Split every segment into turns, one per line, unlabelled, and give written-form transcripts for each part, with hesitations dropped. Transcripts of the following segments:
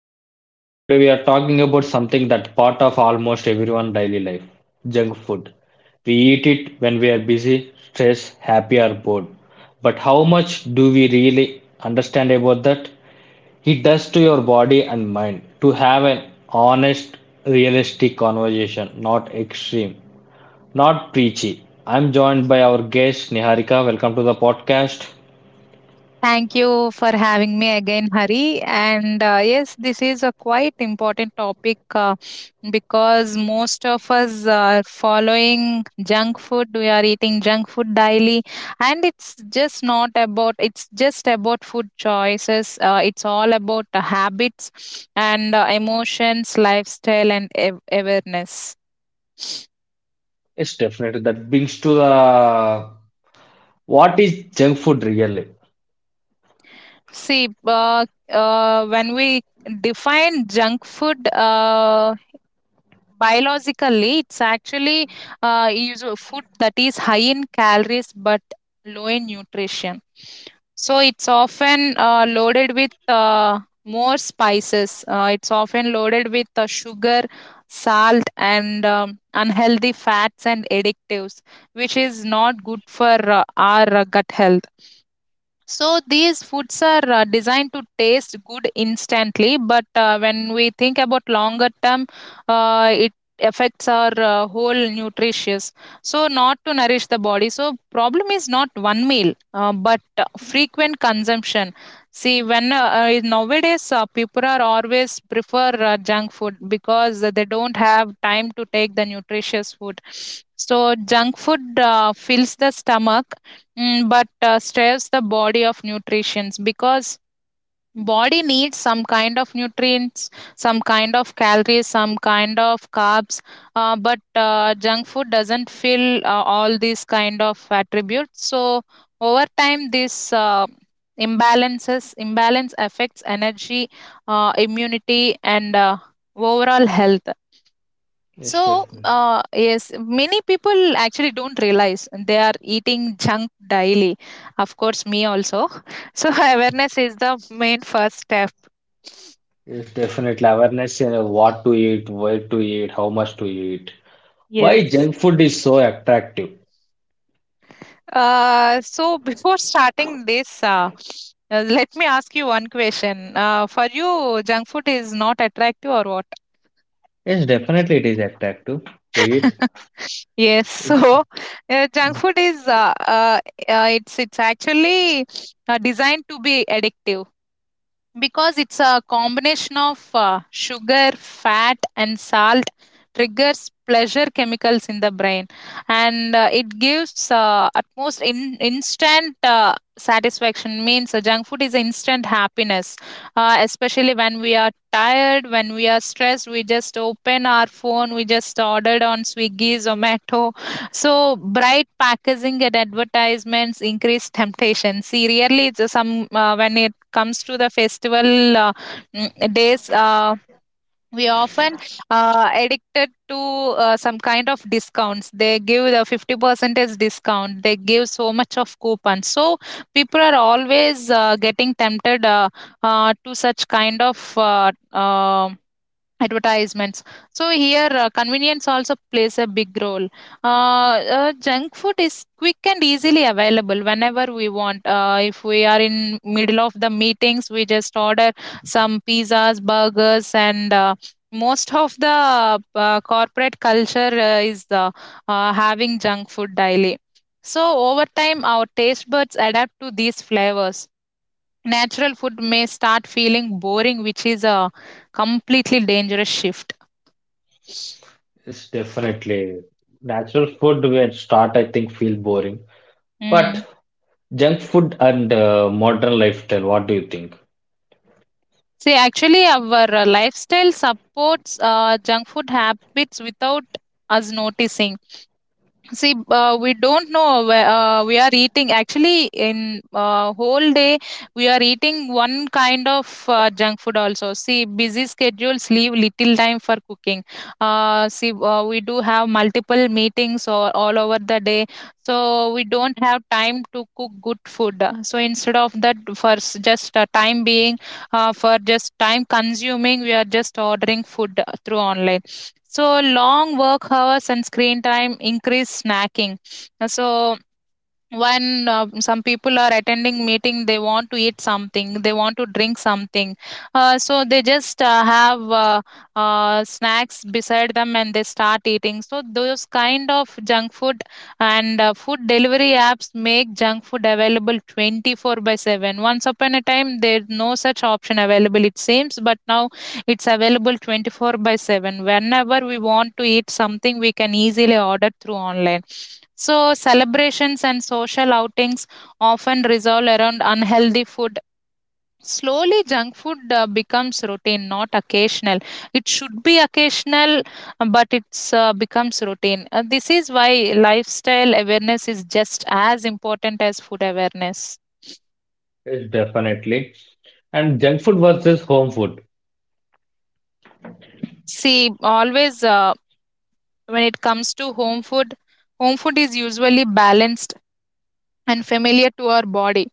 Hari. Today we are talking about something that's part of almost everyone's daily life, junk food. We eat it when we are busy, stressed, happy or bored. But how much do we really understand about that? It does to your body and mind to have an honest, realistic conversation, not extreme, not preachy. I'm joined by our guest Niharika. Welcome to the podcast.
Thank you for having me again, Hari. And yes, this is a quite important topic, because most of us are following junk food. We are eating junk food daily, and it's just not about. It's just about food choices. It's all about habits and emotions, lifestyle, and awareness.
It's definitely that brings to the what is junk food really?
See, uh, when we define junk food. Biologically it's actually use a food that is high in calories but low in nutrition, so it's often loaded with more spices, it's often loaded with sugar, salt and unhealthy fats and additives, which is not good for our gut health. So these foods are designed to taste good instantly, but when we think about longer term, it affects our whole nutritious. So not to nourish the body. So problem is not one meal, but frequent consumption. See, when nowadays people are always prefer junk food because they don't have time to take the nutritious food. So junk food fills the stomach. Mm, but stress the body of nutrients, because body needs some kind of nutrients, some kind of calories, some kind of carbs, but junk food doesn't fill all these kind of attributes. So over time this imbalance affects energy, immunity and overall health.
It's
So,
definitely
yes, many people actually don't realize they are eating junk daily. Of course, me also. So, awareness is the main first step.
it's definitely awareness in what to eat, where to eat, how much to eat. Why
Yes.
junk food is so attractive?
So, before starting this, let me ask you one question. For you, junk food is not attractive or what?
Yes, definitely it is attractive to eat.
Yes, so junk food is it's actually designed to be addictive, because it's a combination of sugar, fat and salt, triggers pleasure chemicals in the brain. And it gives utmost instant satisfaction, means junk food is instant happiness, especially when we are tired, when we are stressed, we just open our phone, we just ordered on Swiggy, Zomato. So bright packaging and advertisements increase temptation. See, really, it's some when it comes to the festival days, we often addicted to some kind of discounts they give, the 50% discount they give, so much of coupons. So people are always getting tempted, to such kind of advertisements. So here convenience also plays a big role. uh, Junk food is quick and easily available whenever we want. If we are in middle of the meetings, we just order some pizzas, burgers, and most of the corporate culture is having junk food daily. So over time our taste buds adapt to these flavors. Natural food may start feeling boring, which is a completely dangerous shift.
It's definitely natural food will start, I think, feel boring.
Mm.
But junk food and modern lifestyle, what do you think?
See, actually, our lifestyle supports junk food habits without us noticing. See, we don't know where we are eating. Actually, in whole day, we are eating one kind of junk food also. See, busy schedules leave little time for cooking. See, we do have multiple meetings or all over the day, so we don't have time to cook good food. So instead of that, just time being, for just time consuming, we are just ordering food through online. So long work hours and screen time increase snacking. So when some people are attending meeting, they want to eat something, they want to drink something, so they just have snacks beside them and they start eating, so those kind of junk food. And food delivery apps make junk food available 24 by 7. Once upon a time there's no such option available, it seems, but now it's available 24 by 7. Whenever we want to eat something, we can easily order through online. So, celebrations and social outings often resolve around unhealthy food. Slowly, junk food becomes routine, not occasional. It should be occasional, but it's becomes routine. This is why lifestyle awareness is just as important as food awareness.
It's definitely. And junk food versus home food.
See, always when it comes to home food is usually balanced and familiar to our body,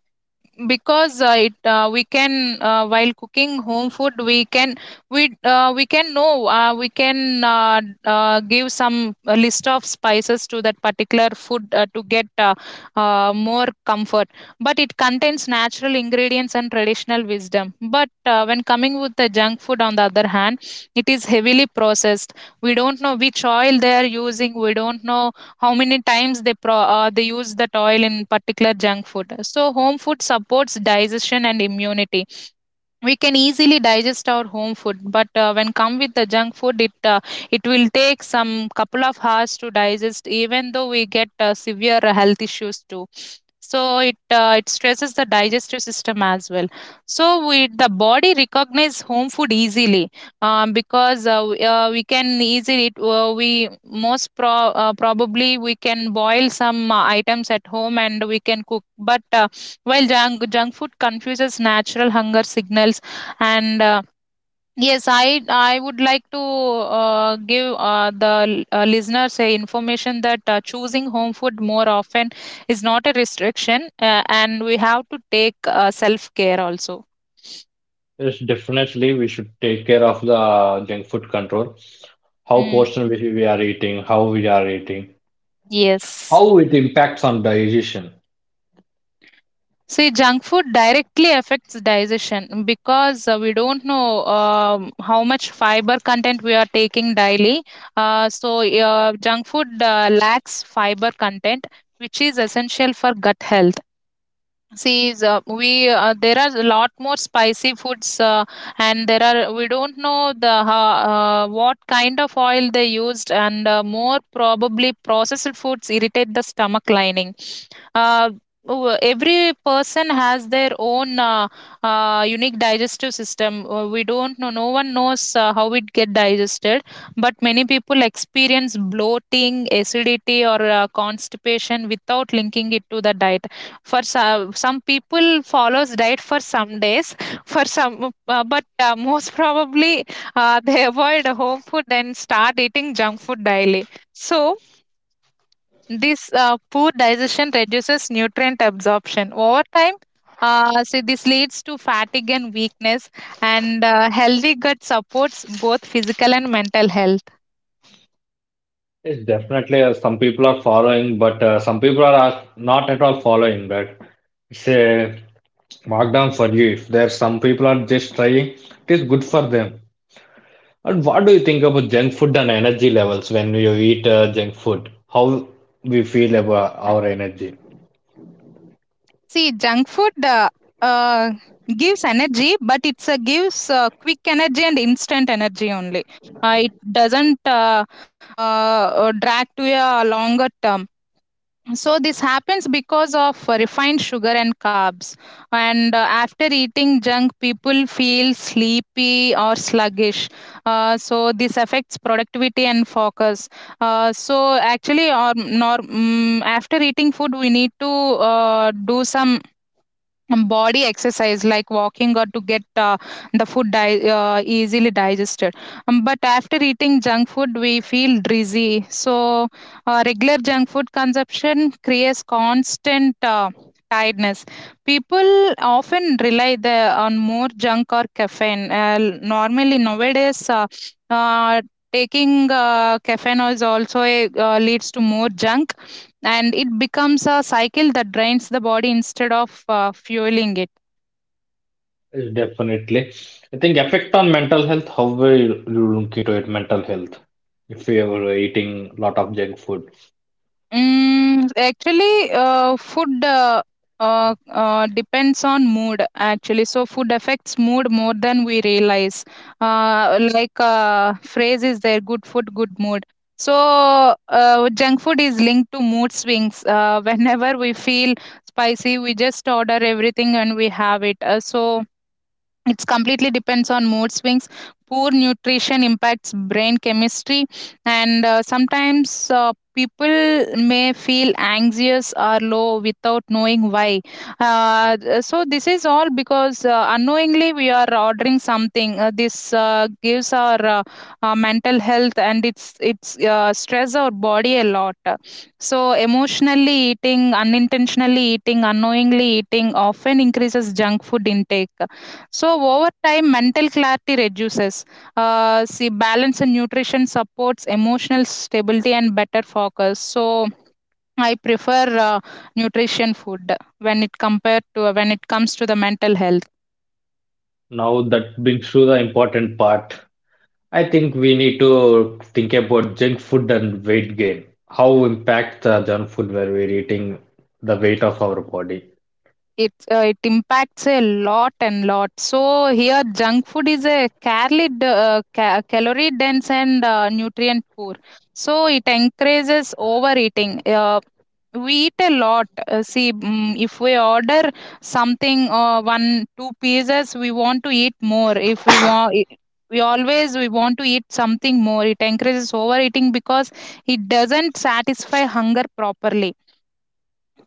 because it we can while cooking home food, we we can know, we can uh, give some list of spices to that particular food to get more comfort, but it contains natural ingredients and traditional wisdom. But when coming with the junk food on the other hand, it is heavily processed. We don't know which oil they are using, we don't know how many times they use that oil in particular junk food. So home food supports digestion and immunity. We can easily digest our home food, but when come with the junk food, it will take some couple of hours to digest, even though we get severe health issues too. So it stresses the digestive system as well. So we the body recognizes home food easily, because we can easily probably we can boil some items at home and we can cook, but well, junk food confuses natural hunger signals. And yes, I would like to give the listeners a information that choosing home food more often is not a restriction, and we have to take self care also.
Yes, definitely we should take care of the junk food control. How
Mm,
portion we are eating, how we are eating,
yes.
how it impacts on digestion.
See, junk food directly affects digestion because we don't know how much fiber content we are taking daily. So, junk food lacks fiber content, which is essential for gut health. See, is, we there are a lot more spicy foods, and there are, we don't know the what kind of oil they used. And more probably processed foods irritate the stomach lining. uh, every person has their own unique digestive system. We don't know, no one knows how it get digested, but many people experience bloating, acidity, or constipation without linking it to the diet. Some people follows diet for some days, for some but most probably they avoid home food and start eating junk food daily. So this poor digestion reduces nutrient absorption. Over time, see, this leads to fatigue and weakness. And healthy gut supports both physical and mental health.
It's definitely some people are following, but some people are not at all following that. It's a markdown for you. If there some people are just trying, it is good for them. And what do you think about junk food and energy levels when you eat junk food? How we feel about our energy?
See, junk food uh, gives energy, but it's gives quick energy and instant energy only. It doesn't drag to a longer term. So this happens because of refined sugar and carbs. And after eating junk, people feel sleepy or sluggish. So this affects productivity and focus. So actually, or nor, mm, after eating food, we need to do some body exercise like walking, or to get the food easily digested, but after eating junk food we feel dizzy. So regular junk food consumption creates constant tiredness. People often rely on more junk or caffeine. Normally nowadays uh, taking caffeine is also a, leads to more junk, and it becomes a cycle that drains the body instead of fueling it.
Yes, definitely. I think effect on mental health, however you look into it, mental health. If you are eating a lot of junk food.
Mm, actually, food depends on mood, actually. So, food affects mood more than we realize. Like, phrase is there, good food, good mood. So, junk food is linked to mood swings. Whenever we feel spicy, we just order everything and we have it. So, it's completely depends on mood swings. Poor nutrition impacts brain chemistry, and sometimes people may feel anxious or low without knowing why. Uh, so this is all because unknowingly we are ordering something. This gives our mental health, and it's stress our body a lot. So, emotionally eating, unintentionally eating, unknowingly eating, often increases junk food intake. So, over time, mental clarity reduces. See, balance and nutrition supports emotional stability and better focus. So, I prefer nutrition food when it comes to the mental health.
Now that brings to the important part. I think we need to think about junk food and weight gain. How impact the junk food where we're eating the weight of our body.
It it impacts a lot and lot. So here, junk food is a calorie dense and nutrient poor. So it encourages overeating. We eat a lot. See, mm, if we order something, one two pieces, we want to eat more. If we want. We want to eat something more. It encourages overeating because it doesn't satisfy hunger properly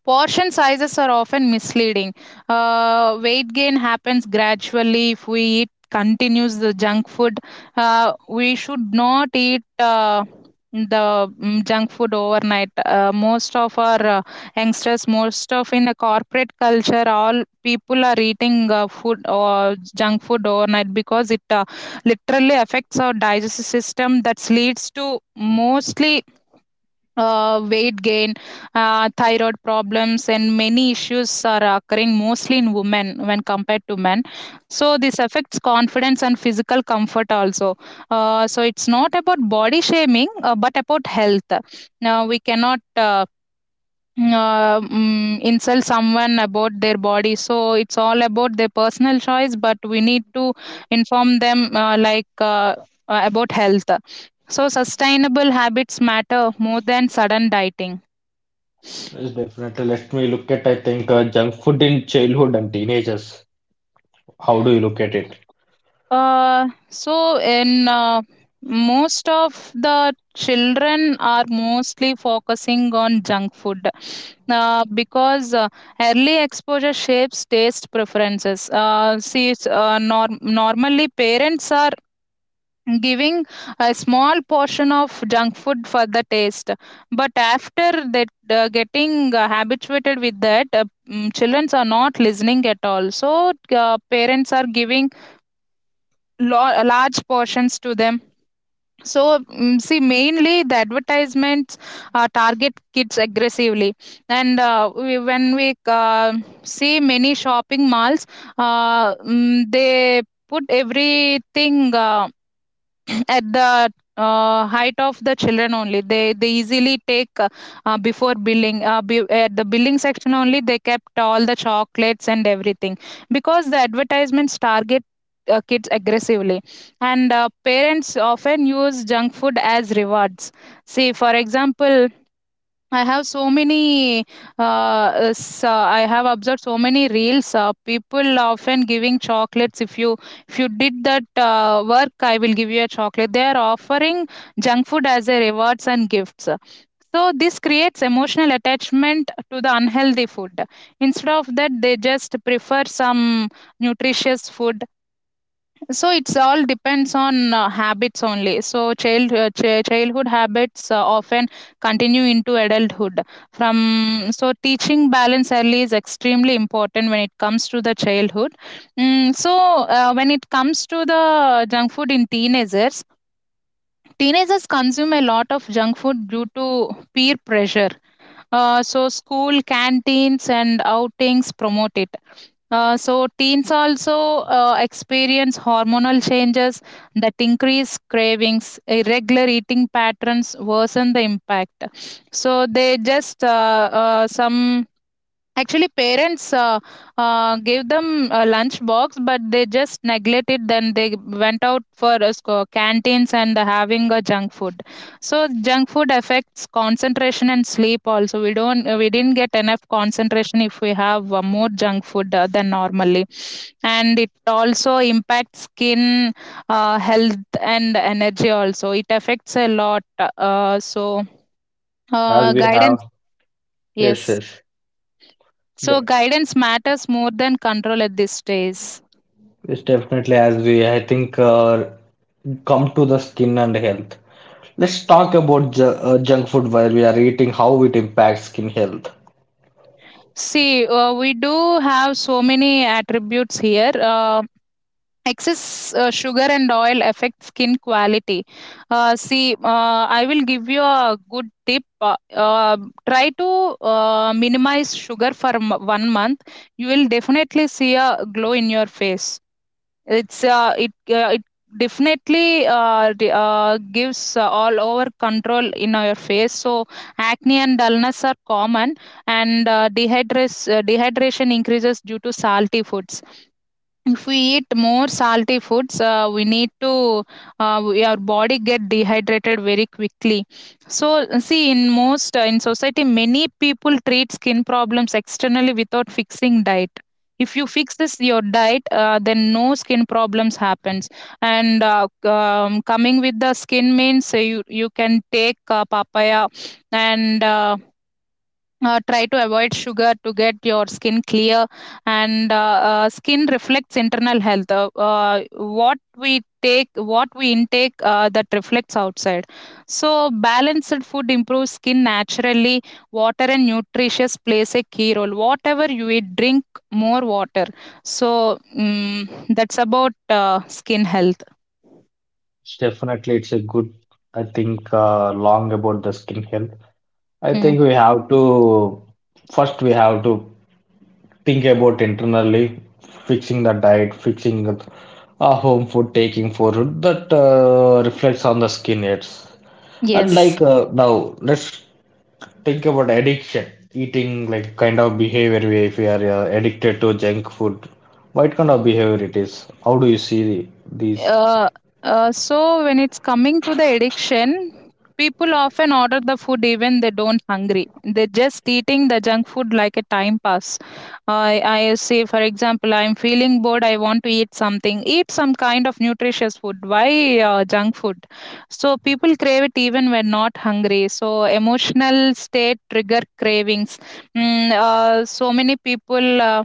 portion sizes are often misleading. Weight gain happens gradually if we eat continues the junk food. We should not eat the junk food overnight. Most of our youngsters, most of in the corporate culture, all people are eating food or junk food overnight because it literally affects our digestive system. That leads to mostly weight gain, thyroid problems, and many issues are occurring mostly in women when compared to men. So, this affects confidence and physical comfort also. So, it's not about body shaming, but about health. Now, we cannot insult someone about their body, so it's all about their personal choice, but we need to inform them about health, so sustainable habits matter more than sudden dieting.
Yes, definitely. Let me look at, I think, junk food in childhood and teenagers. How do you look at it?
So in most of the children are mostly focusing on junk food because early exposure shapes taste preferences. See, normally parents are giving a small portion of junk food for the taste, but after that getting habituated with that. Children are not listening at all, so parents are giving large portions to them. So see, mainly the advertisements target kids aggressively, and when we see many shopping malls, they put everything at the height of the children only. They easily take, before billing, at the billing section only, they kept all the chocolates and everything, because the advertisements target kids aggressively, and parents often use junk food as rewards. See, for example, I have so many. I have observed so many reels. People often giving chocolates. If you did that work, I will give you a chocolate. They are offering junk food as a rewards and gifts. So this creates emotional attachment to the unhealthy food. Instead of that, they just prefer some nutritious food. So it's all depends on habits only. So childhood habits often continue into adulthood. From so teaching balance early is extremely important when it comes to the childhood. Mm, so when it comes to the junk food in teenagers, teenagers consume a lot of junk food due to peer pressure. So school canteens and outings promote it. So teens also experience hormonal changes that increase cravings. Irregular eating patterns worsen the impact. So they just some Actually, parents gave them a lunch box, but they just neglected. Then they went out for canteens and having a junk food. So junk food affects concentration and sleep. Also, we didn't get enough concentration if we have more junk food than normally, and it also impacts skin health and energy. Also, it affects a lot. Uh, so
As we
guidance,
have. Yes,
yes.
yes.
So
Yeah.
guidance matters more than control at this stage.
It's definitely. As we, I think, come to the skin and health. Let's talk about ju junk food while we are eating, how it impacts skin health.
See, we do have so many attributes here. Excess sugar and oil affect skin quality. See, I will give you a good tip. Try to minimize sugar for 1 month. You will definitely see a glow in your face. It definitely gives all over control in your face. So acne and dullness are common, and dehydration increases due to salty foods. If we eat more salty foods, we need to our body get dehydrated very quickly. So see, in most in society, many people treat skin problems externally without fixing diet. If you fix this your diet, then no skin problems happens. And coming with the skin means you can take papaya and. Try to avoid sugar to get your skin clear, and skin reflects internal health. What we take, what we intake, that reflects outside, so balanced food improves skin naturally. Water and nutritious plays a key role. Whatever you eat, drink more water. So that's about skin health.
It's definitely, it's a good, I think, long about the skin health. I
Hmm.
think we have to, first, we have to think about internally fixing the diet, fixing our home food, taking food that reflects on the skin health. And
Yes.
like now, let's think about addiction eating like kind of behavior if we are addicted to junk food, what kind of behavior it is, how do you see these?
Uh, so when it's coming to the addiction, people often order the food even they don't hungry. They're just eating the junk food like a time pass. I say, for example, I'm feeling bored. I want to eat something. Eat some kind of nutritious food. Why junk food? So people crave it even when not hungry. So emotional state trigger cravings. So many people.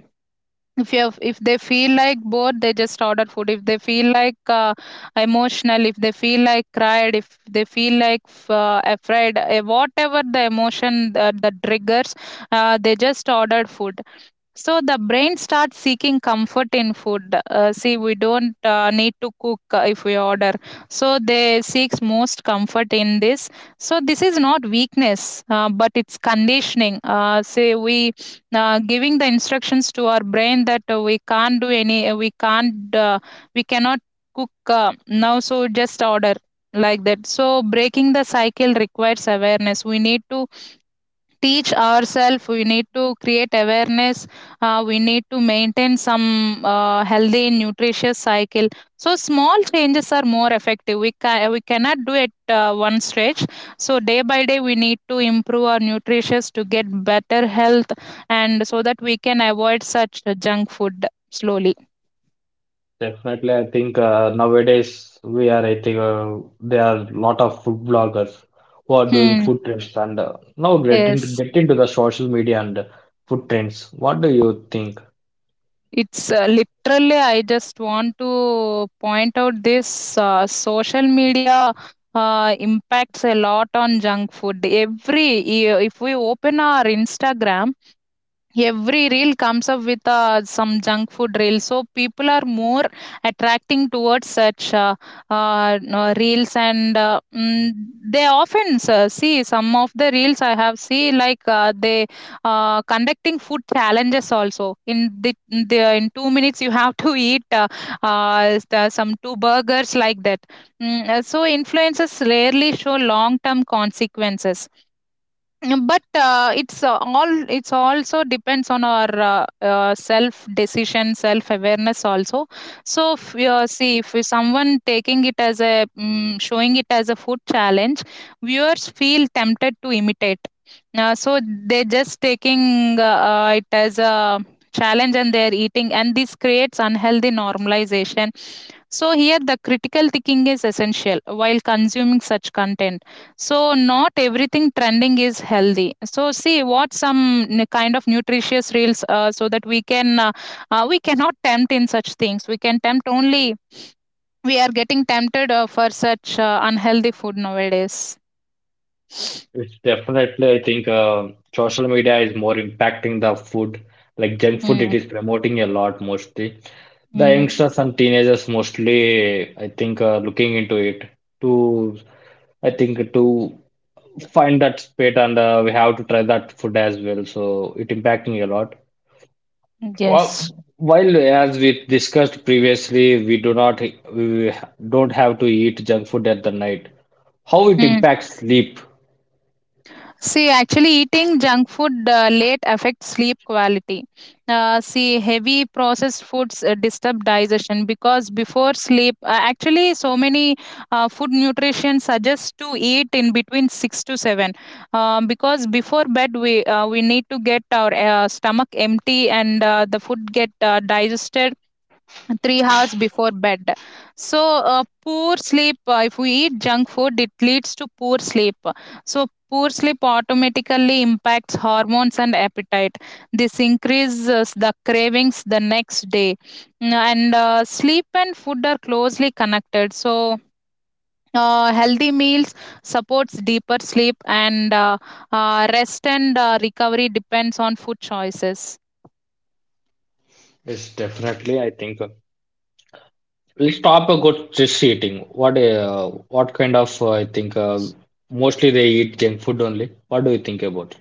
If you have, if they feel like bored, they just order food. If they feel like emotional, if they feel like cried, if they feel like afraid whatever the emotion that triggers, they just ordered food. So the brain starts seeking comfort in food. See, we don't need to cook if we order. So they seeks most comfort in this. So this is not weakness, but it's conditioning. Say we giving the instructions to our brain that we can't do any, we can't, we cannot cook now. So just order, like that. So breaking the cycle requires awareness. We need to teach ourselves, we need to create awareness, we need to maintain some healthy nutritious cycle. So small changes are more effective. We cannot do it one stretch. So day by day we need to improve our nutritious to get better health, and so that we can avoid such junk food slowly.
Definitely, I think nowadays we are I think there are a lot of food bloggers who are doing
Hmm.
food trends and now get into,
Yes.
get into the social media and food trends, what do you think?
It's literally, I just want to point out this social media impacts a lot on junk food. If we open our Instagram, every reel comes up with some junk food reels. So people are more attracting towards such no, reels, and they often see some of the reels I have see like they conducting food challenges also. In 2 minutes you have to eat some two burgers, like that. So influences rarely show long term consequences. Mm, but it's all it's also depends on our self decision, self awareness also. So if you see if someone taking it as a showing it as a food challenge, viewers feel tempted to imitate. So they're just taking it as a challenge and they're eating, and this creates unhealthy normalization. So here the critical thinking is essential while consuming such content. So not everything trending is healthy. So see what some kind of nutritious reels, so that we can we cannot tempt in such things. We can tempt only, we are getting tempted for such unhealthy food nowadays.
It's definitely, I think, social media is more impacting the food, like junk food. It
mm,
is promoting a lot mostly. The
mm,
youngsters and teenagers mostly, I think, are looking into it to, I think, to find that spit and we have to try that food as well. So it impacting a lot.
yes.
Well, while as we discussed previously, we do not, we don't have to eat junk food at the night. How it
Hmm.
impacts sleep
See, actually, eating junk food late affects sleep quality. See, heavy processed foods disturb digestion. Because before sleep, actually, so many food nutrition suggests to eat in between 6 to 7. Because before bed, we need to get our stomach empty, and the food get digested 3 hours before bed. So poor sleep, if we eat junk food it leads to poor sleep. So poor sleep automatically impacts hormones and appetite. This increases the cravings the next day. Mm, and sleep and food are closely connected, so healthy meals supports deeper sleep, and rest and recovery depends on food choices.
is definitely, I think. Let's talk about stress eating. What kind of I think mostly they eat junk food only. What do you think about it?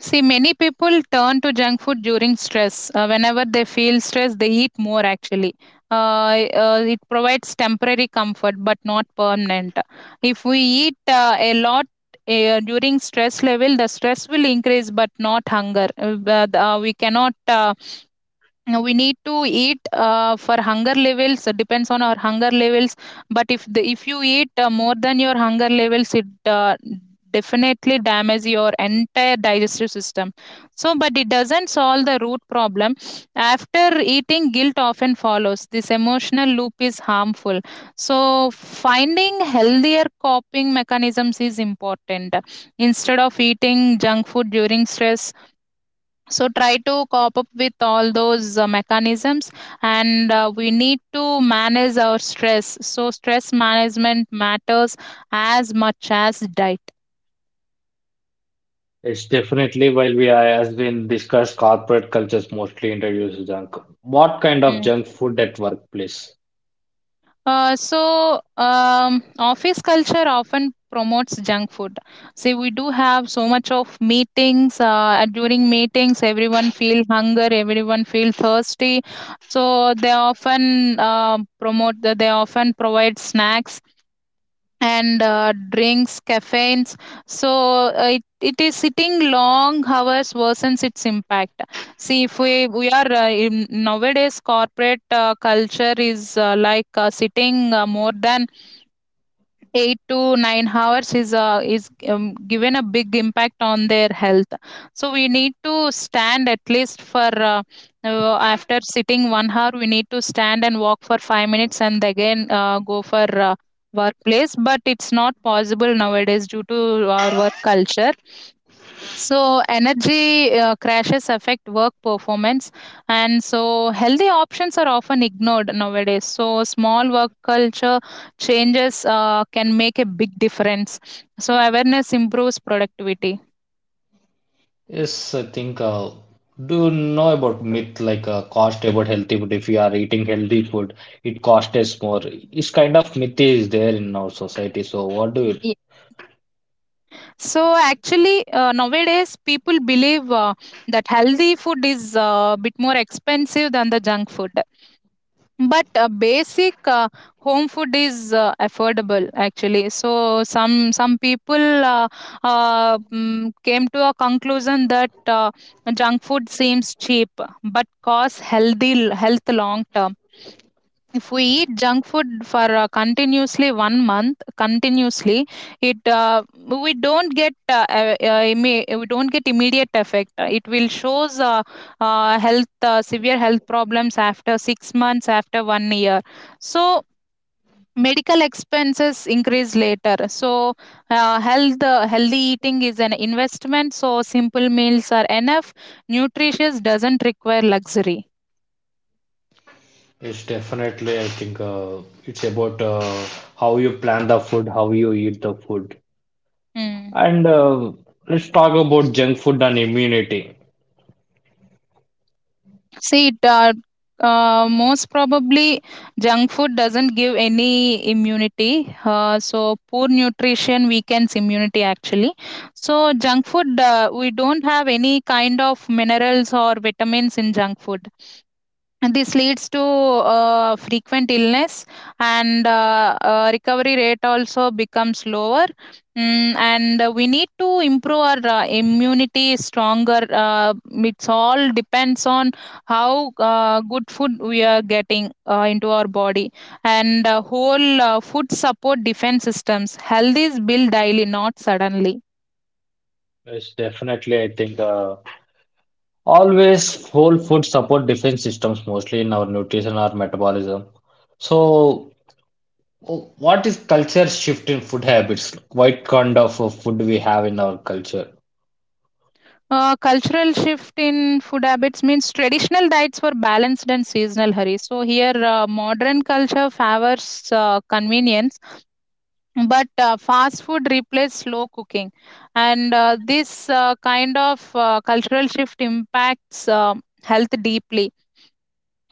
See, many people turn to junk food during stress. Whenever they feel stress, they eat more actually. It provides temporary comfort but not permanent. If we eat a lot during stress level, the stress will increase but not hunger. But we cannot now we need to eat for hunger levels, depends on our hunger levels. But if the, if you eat more than your hunger levels, it uh, definitely damage your entire digestive system. So but it doesn't solve the root problem. After eating, guilt often follows. This emotional loop is harmful. So finding healthier coping mechanisms is important instead of eating junk food during stress. So try to cope up with all those mechanisms, and we need to manage our stress. So stress management matters as much as diet.
It's definitely while we are, has been discussed, corporate cultures mostly introduce junk. What kind of
Mm.
junk food at workplace?
Office culture often promotes junk food. See, we do have so much of meetings. During meetings, everyone feel hunger, everyone feel thirsty. So they often promote. They often provide snacks and drinks caffeines so it, it is sitting long hours worsens its impact. See, if we are in nowadays corporate culture is sitting more than 8 to 9 hours is given a big impact on their health. So we need to stand at least for after sitting 1 hour. We need to stand and walk for 5 minutes and again go for workplace, but it's not possible nowadays due to our work culture. So, energy crashes affect work performance, and so healthy options are often ignored nowadays. So, small work culture changes can make a big difference. So, awareness improves productivity.
Yes, I think do you know about myth like cost about healthy food? If you are eating healthy food, it costs us more. This kind of myth is there in our society. So what do you?
Ye- So, actually, nowadays people believe that healthy food is a bit more expensive than the junk food. But a basic home food is affordable actually. So some people came to a conclusion that junk food seems cheap but costs healthy health long term. If we eat junk food for continuously 1 month, continuously, it we don't get we don't get immediate effect. It will shows health severe health problems after 6 months, after 1 year. So medical expenses increase later. So health healthy eating is an investment. So simple meals are enough. Nutritious doesn't require luxury.
It's definitely, I think, it's about how you plan the food, how you eat the food.
Hmm.
And let's talk about junk food and immunity.
See, most probably junk food doesn't give any immunity. So poor nutrition weakens immunity actually. So junk food, we don't have any kind of minerals or vitamins in junk food. This leads to frequent illness, and recovery rate also becomes lower. Mm, and we need to improve our immunity stronger. It's all depends on how good food we are getting into our body, and whole food support defense systems. Health is built daily, not suddenly.
It's definitely, I think, always whole food support defense systems, mostly in our nutrition or metabolism. So, what is culture shift in food habits? What kind of food we have in our culture?
Cultural shift in food habits means traditional diets were balanced and seasonal, Hari. So here, modern culture favors convenience, but fast food replaces slow cooking, and this kind of cultural shift impacts health deeply.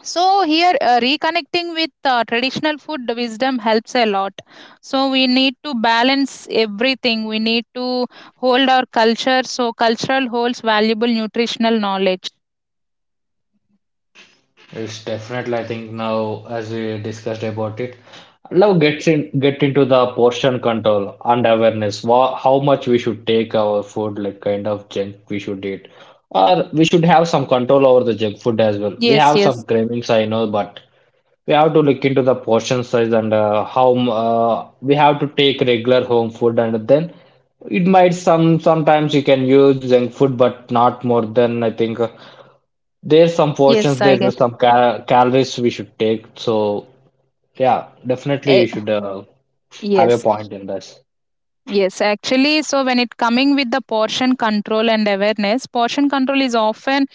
So here, reconnecting with traditional food wisdom helps a lot. So we need to balance everything. We need to hold our culture. So cultural holds valuable nutritional knowledge.
It's definitely, I think now as we discussed about it, now get into the portion control and awareness. Wha how much we should take our food, like kind of junk we should eat, or we should have some control over the junk food as well. We
Yes,
have some
yes,
cravings, I know, but we have to look into the portion size and we have to take regular home food, and then it might some sometimes you can use junk food, but not more than I think. There's some
yes.
portions,
I
there is
get.
some calories we should take. So yeah, definitely
Eh,
you should have a
yes.
point in this.
Yes, actually, so when it coming with the portion control and awareness, portion control is often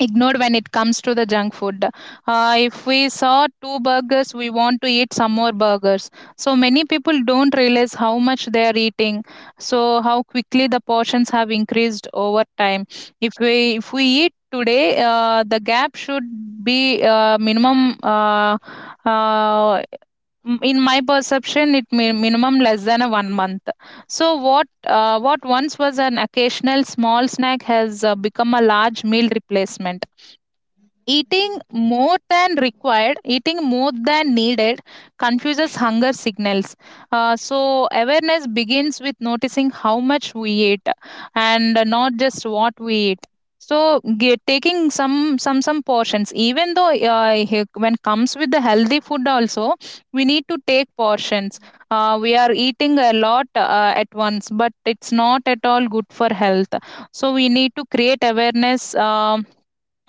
ignored when it comes to the junk food. If we saw two burgers, we want to eat some more burgers. So many people don't realize how much they are eating. So how quickly the portions have increased over time. If we eat today, the gap should be minimum. Uh, in my perception it may minimum less than a 1 month. So what once was an occasional small snack has become a large meal replacement. Eating more than required, eating more than needed confuses hunger signals. So, awareness begins with noticing how much we eat and not just what we eat. So, taking some portions, even though when comes with the healthy food, also we need to take portions. We are eating a lot at once, but it's not at all good for health. So, we need to create awareness.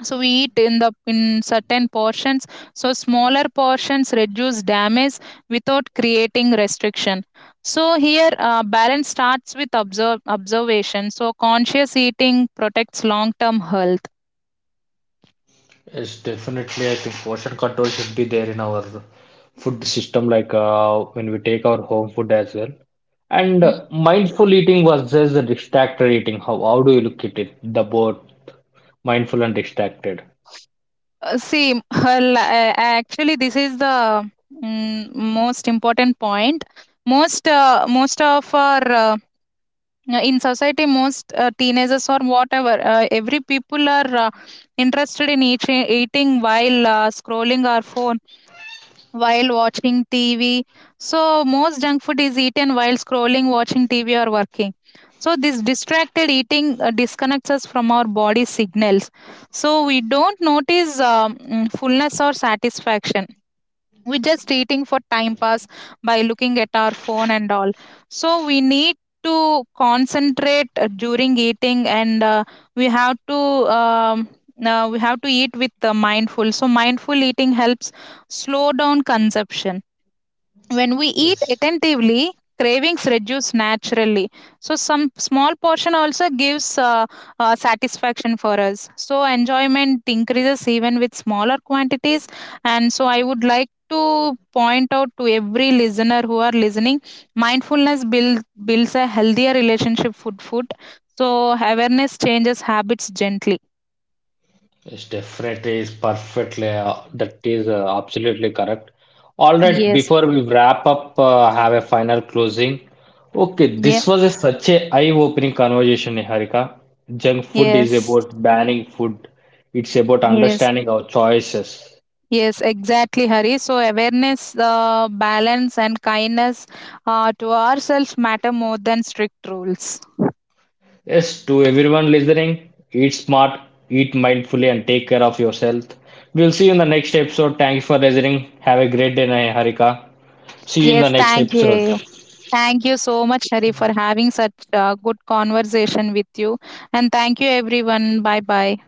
So we eat in the in certain portions, so smaller portions reduce damage without creating restriction. So here, balance starts with observation. So conscious eating protects long term health.
Yes, definitely. I think portion control should be there in our food system, like when we take our home food as well. And
Mm.
mindful eating versus the distracted eating. How do you look at it? The both mindful and distracted.
Uh, see m- actually this is the most important point. Most of our in society, most teenagers or whatever every people are interested in eating while scrolling our phone, while watching tv. So most junk food is eaten while scrolling, watching tv or working. So this distracted eating disconnects us from our body signals. So we don't notice fullness or satisfaction. We're just eating for time pass by looking at our phone and all. So we need to concentrate during eating, and we have to um, we have to eat with mindful. So mindful eating helps slow down consumption. When we eat
Yes.
attentively, cravings reduce naturally. So, some small portion also gives satisfaction for us. So, enjoyment increases even with smaller quantities. And so, I would like to point out to every listener who are listening, builds a healthier relationship with food. So, awareness changes habits gently.
Yes, definitely is perfectly. That is absolutely correct. All right,
Yes.
before we wrap up, have a final closing. Okay,
Yeah.
this was a, such a eye-opening conversation, Niharika. Junk food is
Yes.
about banning food. It's about
Yes.
understanding our choices.
Yes, exactly, Hari. So awareness, balance, and kindness to ourselves matter more than strict rules.
Yes, to everyone listening, eat smart, eat mindfully, and take care of yourself. We'll see you in the next episode. Thank you for listening. Have a great day, Niharika. See you in the
Yes,
next
thank
episode.
you. Thank you so much, Hari, for having such a good conversation with you. And thank you, everyone. Bye bye.